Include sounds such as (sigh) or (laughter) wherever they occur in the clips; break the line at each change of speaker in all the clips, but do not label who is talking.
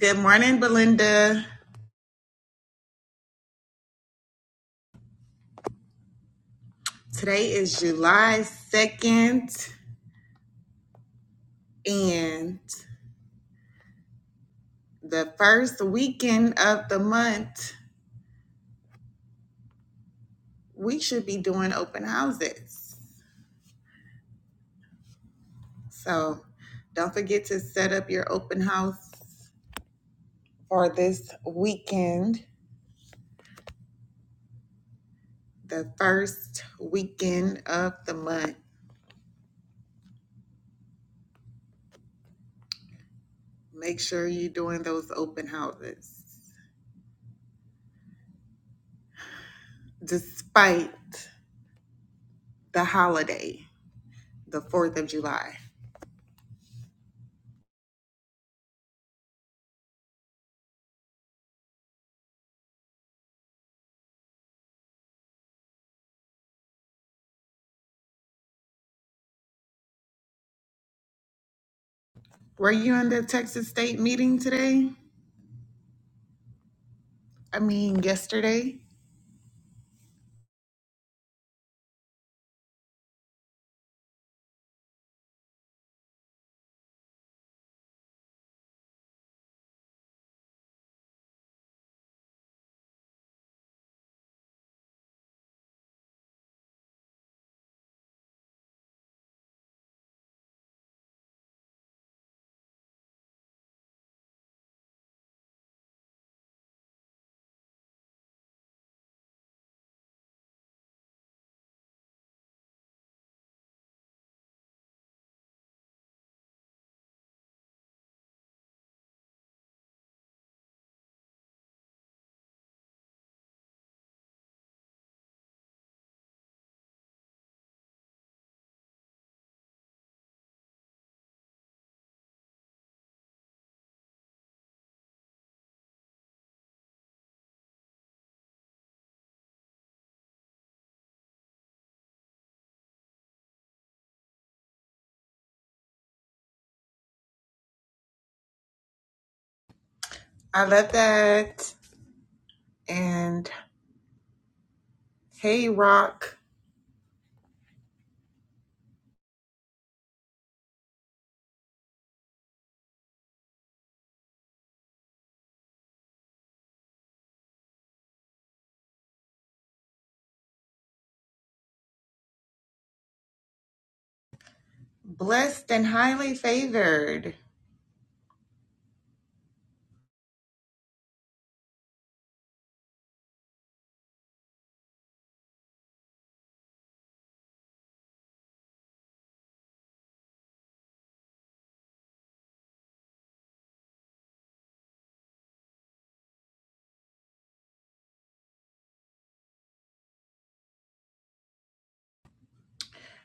Good morning, Belinda. Today is July 2nd, and the first weekend of the month, we should be doing open houses. So don't forget to set up your open house for this weekend, the first weekend of the month. Make sure you're doing those open houses despite the holiday, the 4th of July. Were you in the Texas State meeting today? I mean, yesterday? I love that. And hey, Rock, blessed and highly favored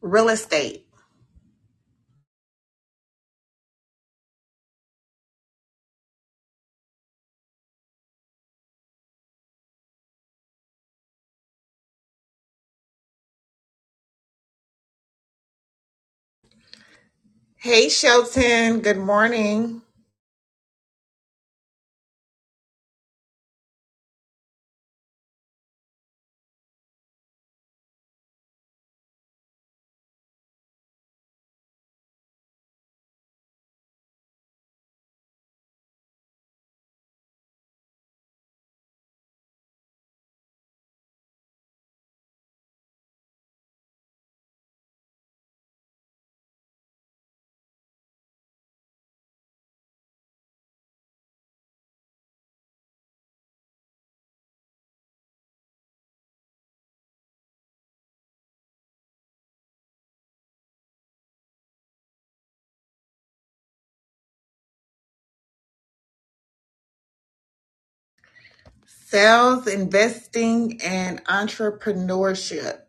real estate. Hey, Shelton, good morning. Sales, investing, and entrepreneurship.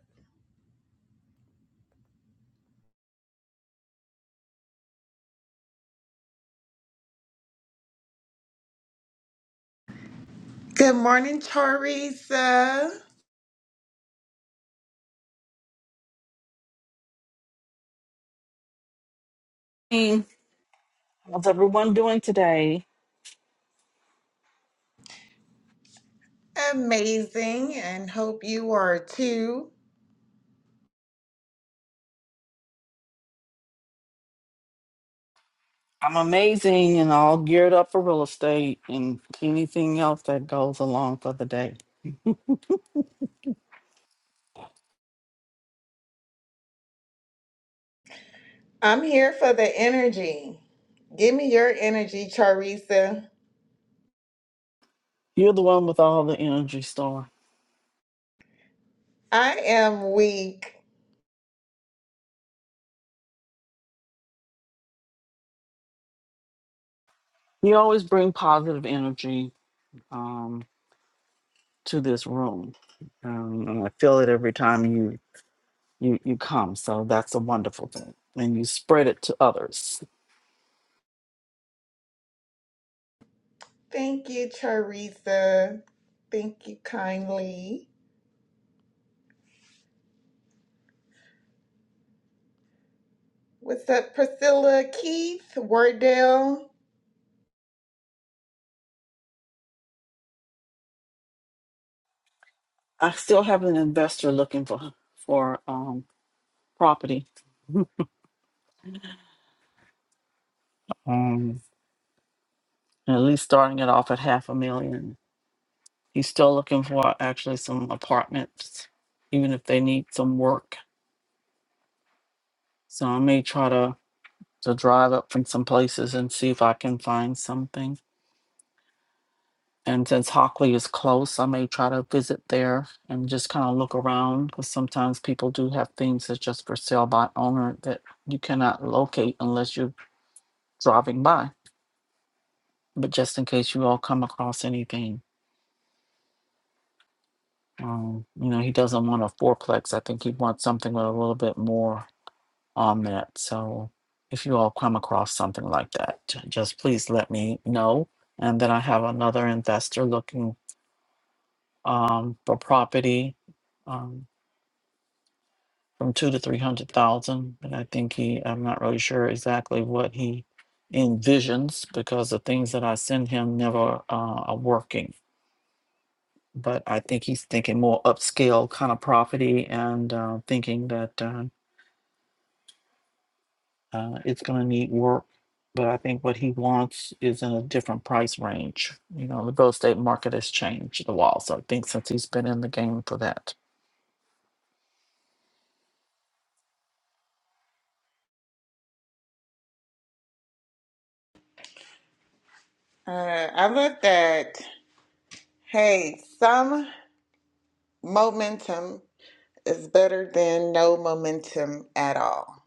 Good morning, Teresa.
How's everyone doing today?
Amazing, and hope you are too.
I'm amazing and all geared up for real estate and anything else that goes along for the day.
I'm here for the energy. Give me your energy, Charissa.
You're the one with all the energy, Star.
I am weak.
You always bring positive energy um, to this room, um, and I feel it every time you you you come. So that's a wonderful thing, and you spread it to others.
Thank you, Teresa. Thank you kindly. What's up, Priscilla, Keith, Wardell?
I still have an investor looking for for um, property, um, at least starting it off at half a million He's still looking for actually some apartments, even if they need some work. So I may try to to drive up from some places and see if I can find something. And since Hockley is close, I may try to visit there and just kind of look around because sometimes people do have things that's just for sale by owner that you cannot locate unless you're driving by. But just in case you all come across anything, um, you know, he doesn't want a fourplex. I think he wants something with a little bit more on that. So if you all come across something like that, j- just please let me know. And then I have another investor looking um, for property um, from two to three hundred thousand, and I think he, I'm not really sure exactly what he envisions because the things that I send him never uh, are working. But I think he's thinking more upscale kind of property and uh, thinking that. uh, Uh, it's going to need work, but I think what he wants is in a different price range. You know, the real estate market has changed the wall. So I think since he's been in the game for that,
Uh, I love that. Hey, some momentum is better than no momentum at all.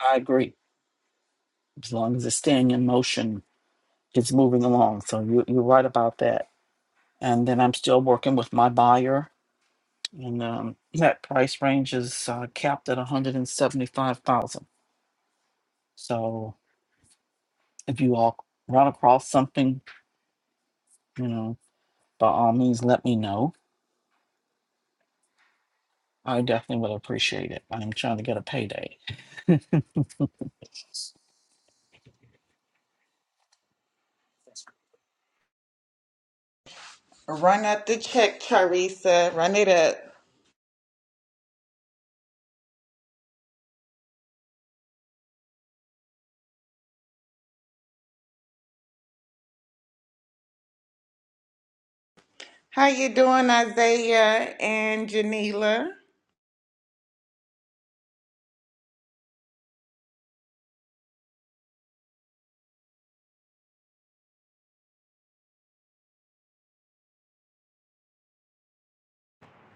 I agree. As long as it's staying in motion, it's moving along. So you, you're right about that. And then I'm still working with my buyer, and um, that price range is uh, capped at 175,000. So if you all run across something, you know, by all means, let me know I definitely would appreciate it. I'm trying to get a payday.
Run up the check, Teresa. Run it up. How you doing, Isaiah and Janila?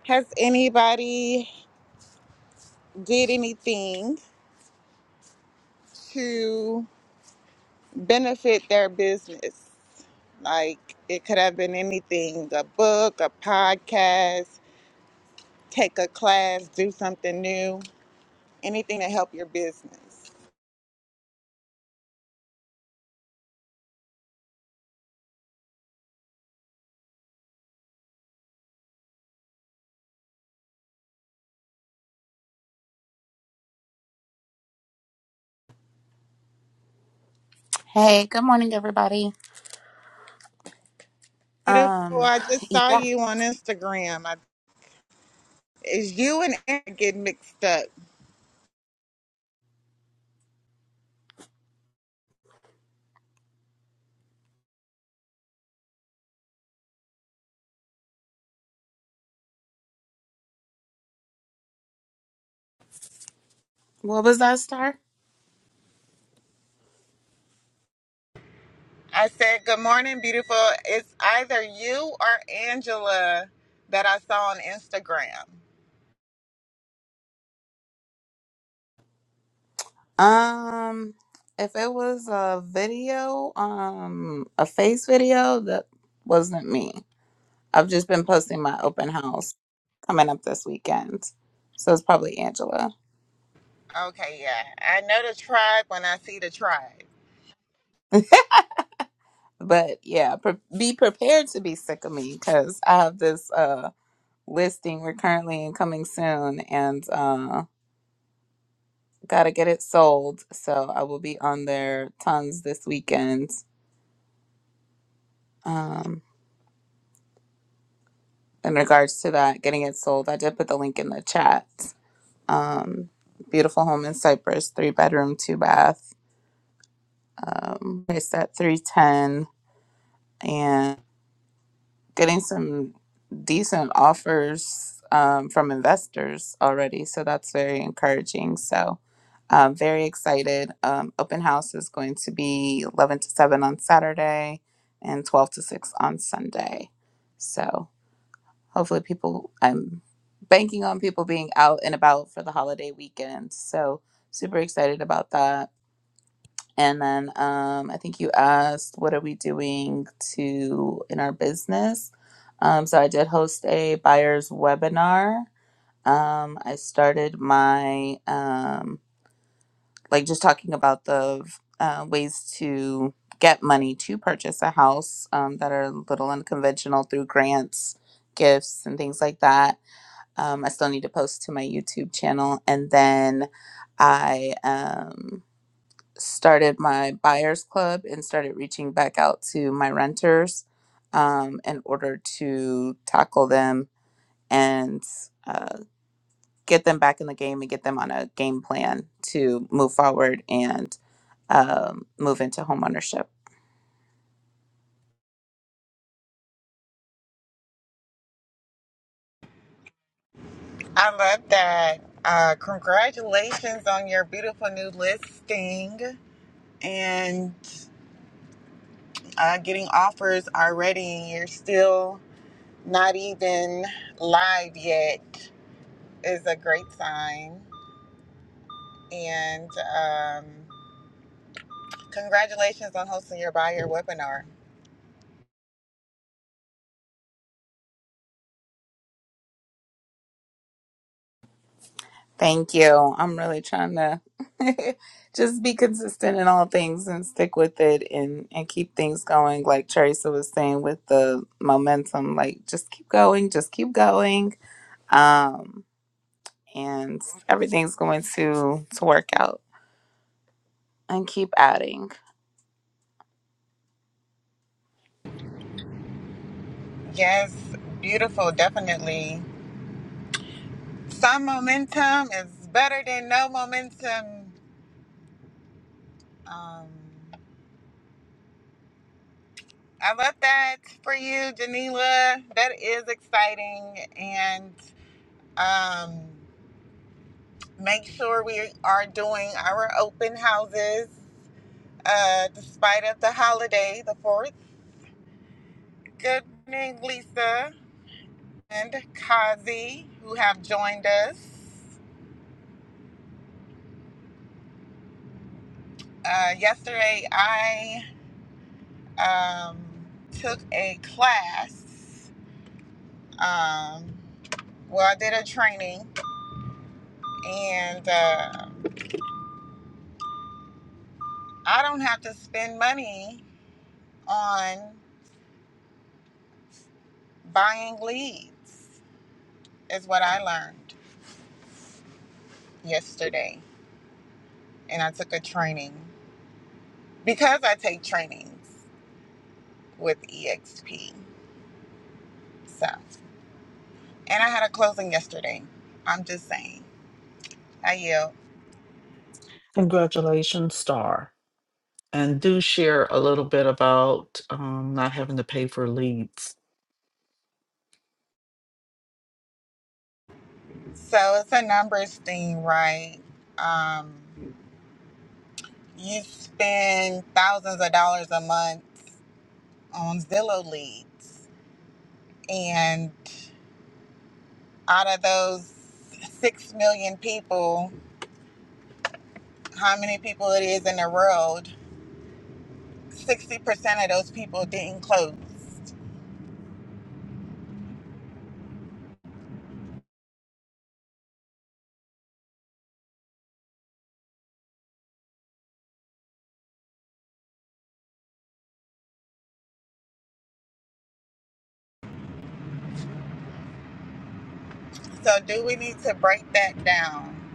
Has anybody did anything? to benefit their business. Like it could have been anything a book, a podcast, take a class, do something new, anything to help your business.
Hey, good morning, everybody.
Beautiful,
Um,
I just saw
yeah,
you on Instagram. I, is you and Aaron get mixed up?
what was that star?
I said, Good morning, beautiful. It's either you or Angela that I saw on Instagram.
Um, if it was a video, um, a face video, that wasn't me. I've just been posting my open house coming up this weekend, so it's probably Angela.
Okay, yeah. I know the tribe when I see the tribe.
But yeah, pre- be prepared to be sick of me because I have this uh listing we're currently in coming soon, and uh, gotta get it sold. So I will be on there tons this weekend um, in regards to that, getting it sold. I did put the link in the chat. Um, beautiful home in Cypress, three bedroom, two bath, um, priced at 310 and getting some decent offers um, from investors already. So that's very encouraging. So I'm very excited. Um, open house is going to be 11 to 7 on Saturday and 12 to 6 on Sunday. So Hopefully, people, I'm banking on people being out and about for the holiday weekend. So, super excited about that. And then um, I think you asked, what are we doing to in our business? Um, so I did host a buyer's webinar. Um, I started my, um, like just talking about the uh, ways to get money to purchase a house um, that are a little unconventional through grants, gifts, and things like that. Um, I still need to post to my YouTube channel. And then I um, started my buyers club and started reaching back out to my renters um, in order to tackle them and uh, get them back in the game and get them on a game plan to move forward and um, move into homeownership.
I love that. Uh, congratulations on your beautiful new listing and uh, getting offers already. You're still not even live yet, is a great sign. And um, congratulations on hosting your buyer webinar.
Thank you. I'm really trying to (laughs) just be consistent in all things and stick with it and and keep things going like Teresa was saying with the momentum like just keep going, just keep going. Um and everything's going to to work out and keep adding.
Yes, beautiful, definitely. Some momentum is better than no momentum. Um, I love that for you, Janila. That is exciting. And um, make sure we are doing our open houses uh, despite of the holiday, the 4th. Good evening, Lisa and Kazi, who have joined us. Uh, yesterday, I um, took a class. Um, well, I did a training and. uh, I don't have to spend money on buying leads, is what I learned yesterday. And I took a training because I take trainings with EXP. So, and I had a closing yesterday. I'm just saying, I yield.
Congratulations, Star. And do share a little bit about um, not having to pay for leads.
So it's a numbers thing, right? Um, you spend thousands of dollars a month on Zillow leads, and out of those six million people, how many people it is in the world, 60% of those people didn't close. So, do we need to break that down?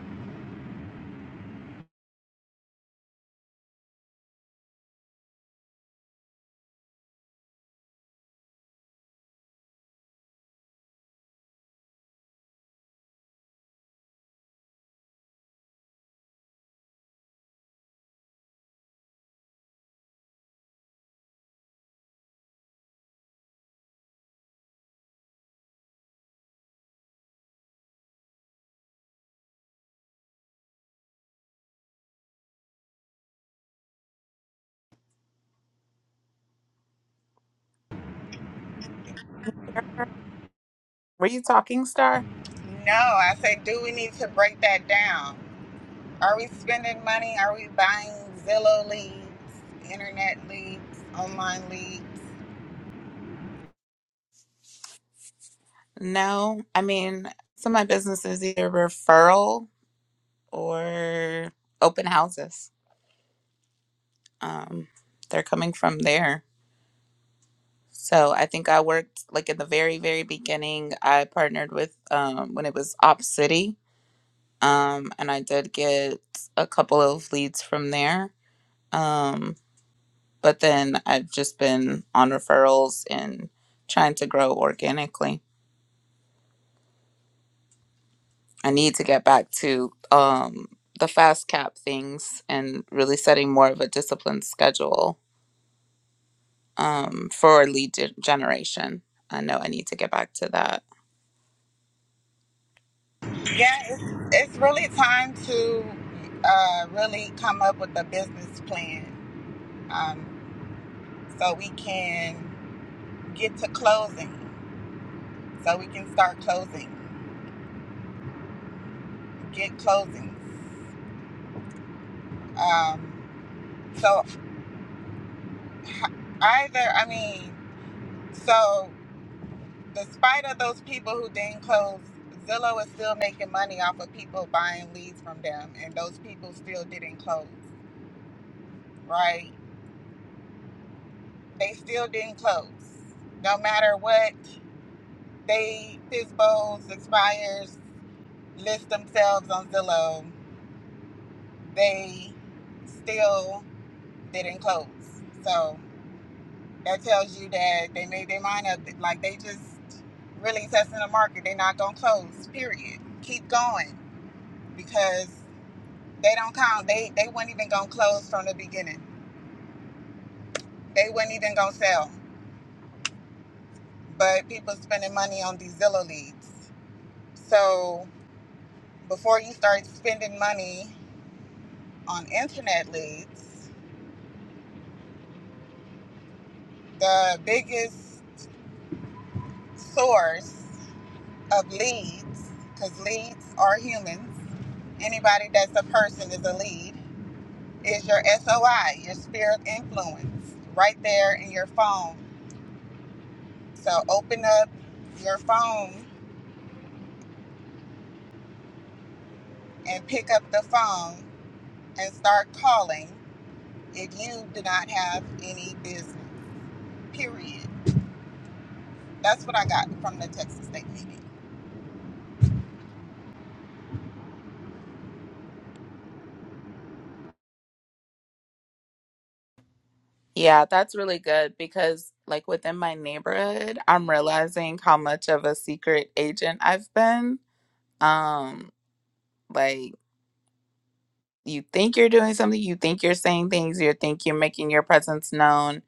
Were you talking star?
No, I say. do we need to break that down? Are we spending money? Are we buying Zillow leads, internet leads, online leads?
No. I mean, so my business is either referral or open houses. Um they're coming from there So I think I worked like in the very, very beginning. I partnered with um, when it was Op City, um, and I did get a couple of leads from there. Um, but then I've just been on referrals and trying to grow organically. I need to get back to um, the fast cap things and really setting more of a disciplined schedule um, for lead gen- generation. I know I need to get back to that.
Yeah, it's, it's really time to uh, really come up with a business plan um, so we can Get to closing so we can start closing. Get closings. Um, so either, I mean, so despite of those people who didn't close, Zillow is still making money off of people buying leads from them, and those people still didn't close, right? They still didn't close. No matter what, they FISBOs, expires, list themselves on Zillow. They still They didn't close. So that tells you that they made their mind up. Like they just really testing the market. They're not gonna close. Period. Keep going because they don't count. They they weren't even gonna close from the beginning. They weren't even gonna sell. But people spending money on these Zillow leads. So before you start spending money on internet leads, the biggest source of leads, because leads are humans. Anybody that's a person is a lead, is your SOI, your spirit influence, right there in your phone. So open up your phone and pick up the phone and start calling if you do not have any business, period. That's what I got from the Texas State meeting.
Yeah, that's really good because, like, within my neighborhood, I'm realizing how much of a secret agent I've been. Um, like, you think you're doing something, you think you're saying things, you think you're making your presence known,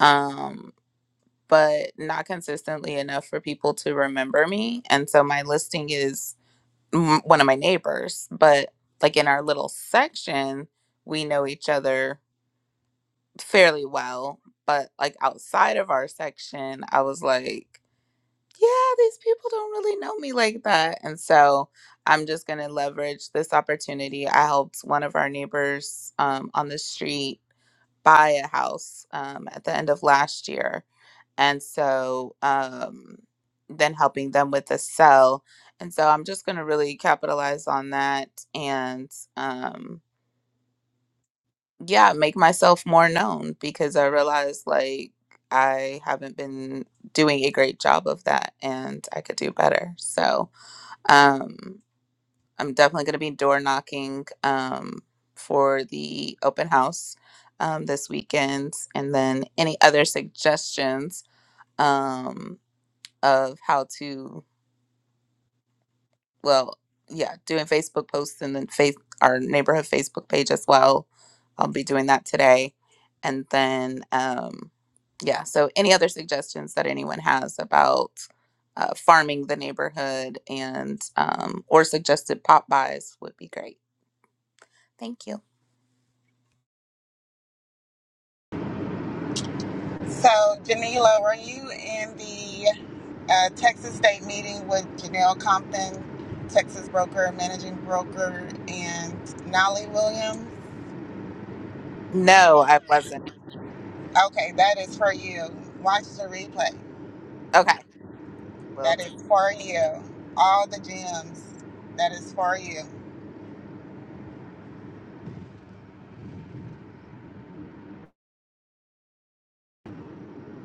um, but not consistently enough for people to remember me. And so my listing is mm, one of my neighbors, but like in our little section, we know each other fairly well. But like outside of our section, I was like, yeah, these people don't really know me like that. And so I'm just going to leverage this opportunity. I helped one of our neighbors um, on the street buy a house um, at the end of last year. And so um, then helping them with the sell. And so I'm just going to really capitalize on that and, um yeah, make myself more known because I realized like I haven't been doing a great job of that and I could do better. So, um, I'm definitely going to be door knocking um, for the open house um, this weekend. And then any other suggestions um, of how to well, yeah, doing Facebook posts and then face our neighborhood Facebook page as well. I'll be doing that today. And then, um, yeah, so any other suggestions that anyone has about uh, farming the neighborhood and um, or suggested pop buys would be great. Thank you.
So, Janila, were you in the uh, Texas State meeting with Janelle Compton, Texas broker, managing broker, and Nolly Williams.
No, I wasn't.
Okay, that is for you. Watch the replay.
Okay. Well,
That is for you. All the gems. That is for you.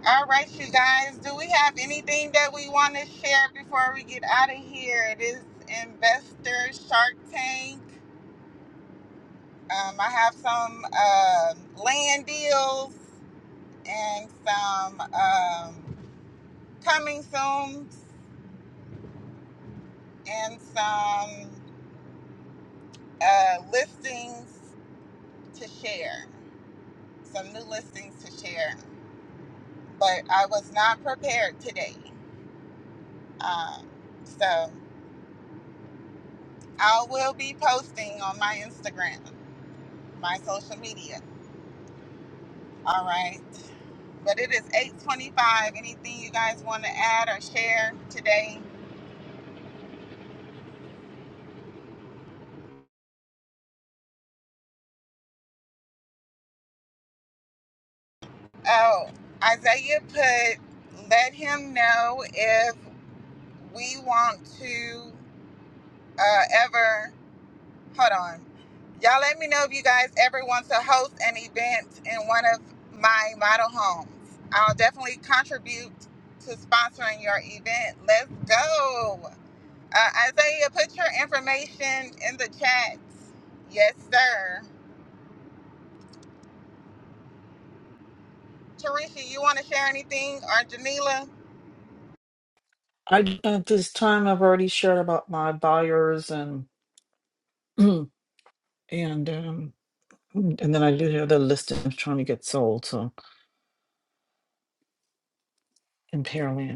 All right, you guys. Do we have anything that we want to share before we get out of here? It is Investor Shark Tank. Um, I have some um land deals and some. Um, coming soon and some uh, listings to share, some new listings to share. But I was not prepared today. Um, so I will be posting on my Instagram, my social media. All right. But it is 825. Anything you guys want to add or share today? Oh, Isaiah put, let him know if we want to uh, ever hold on. Y'all let me know if you guys ever want to host an event in one of my model homes. I'll definitely contribute to sponsoring your event. Let's go. Uh, Isaiah, put your information in the chat. Yes, sir. Tarisha, you want to share anything or Janila?
I at this time I've already shared about my buyers and (clears throat) and um, and then I do have the listing I'm trying to get sold. So in Pearland.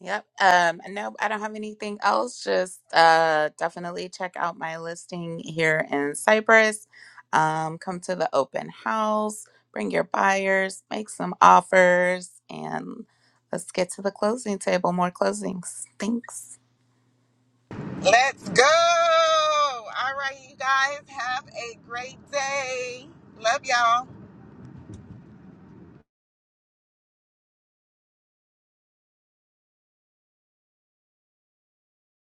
Yep. Um, and no, I don't have anything else. Just uh, definitely check out my listing here in Cyprus. Um, come to the open house, bring your buyers, make some offers, and let's get to the closing table. More closings. Thanks.
Let's go. All right, you guys have a great day. Love y'all.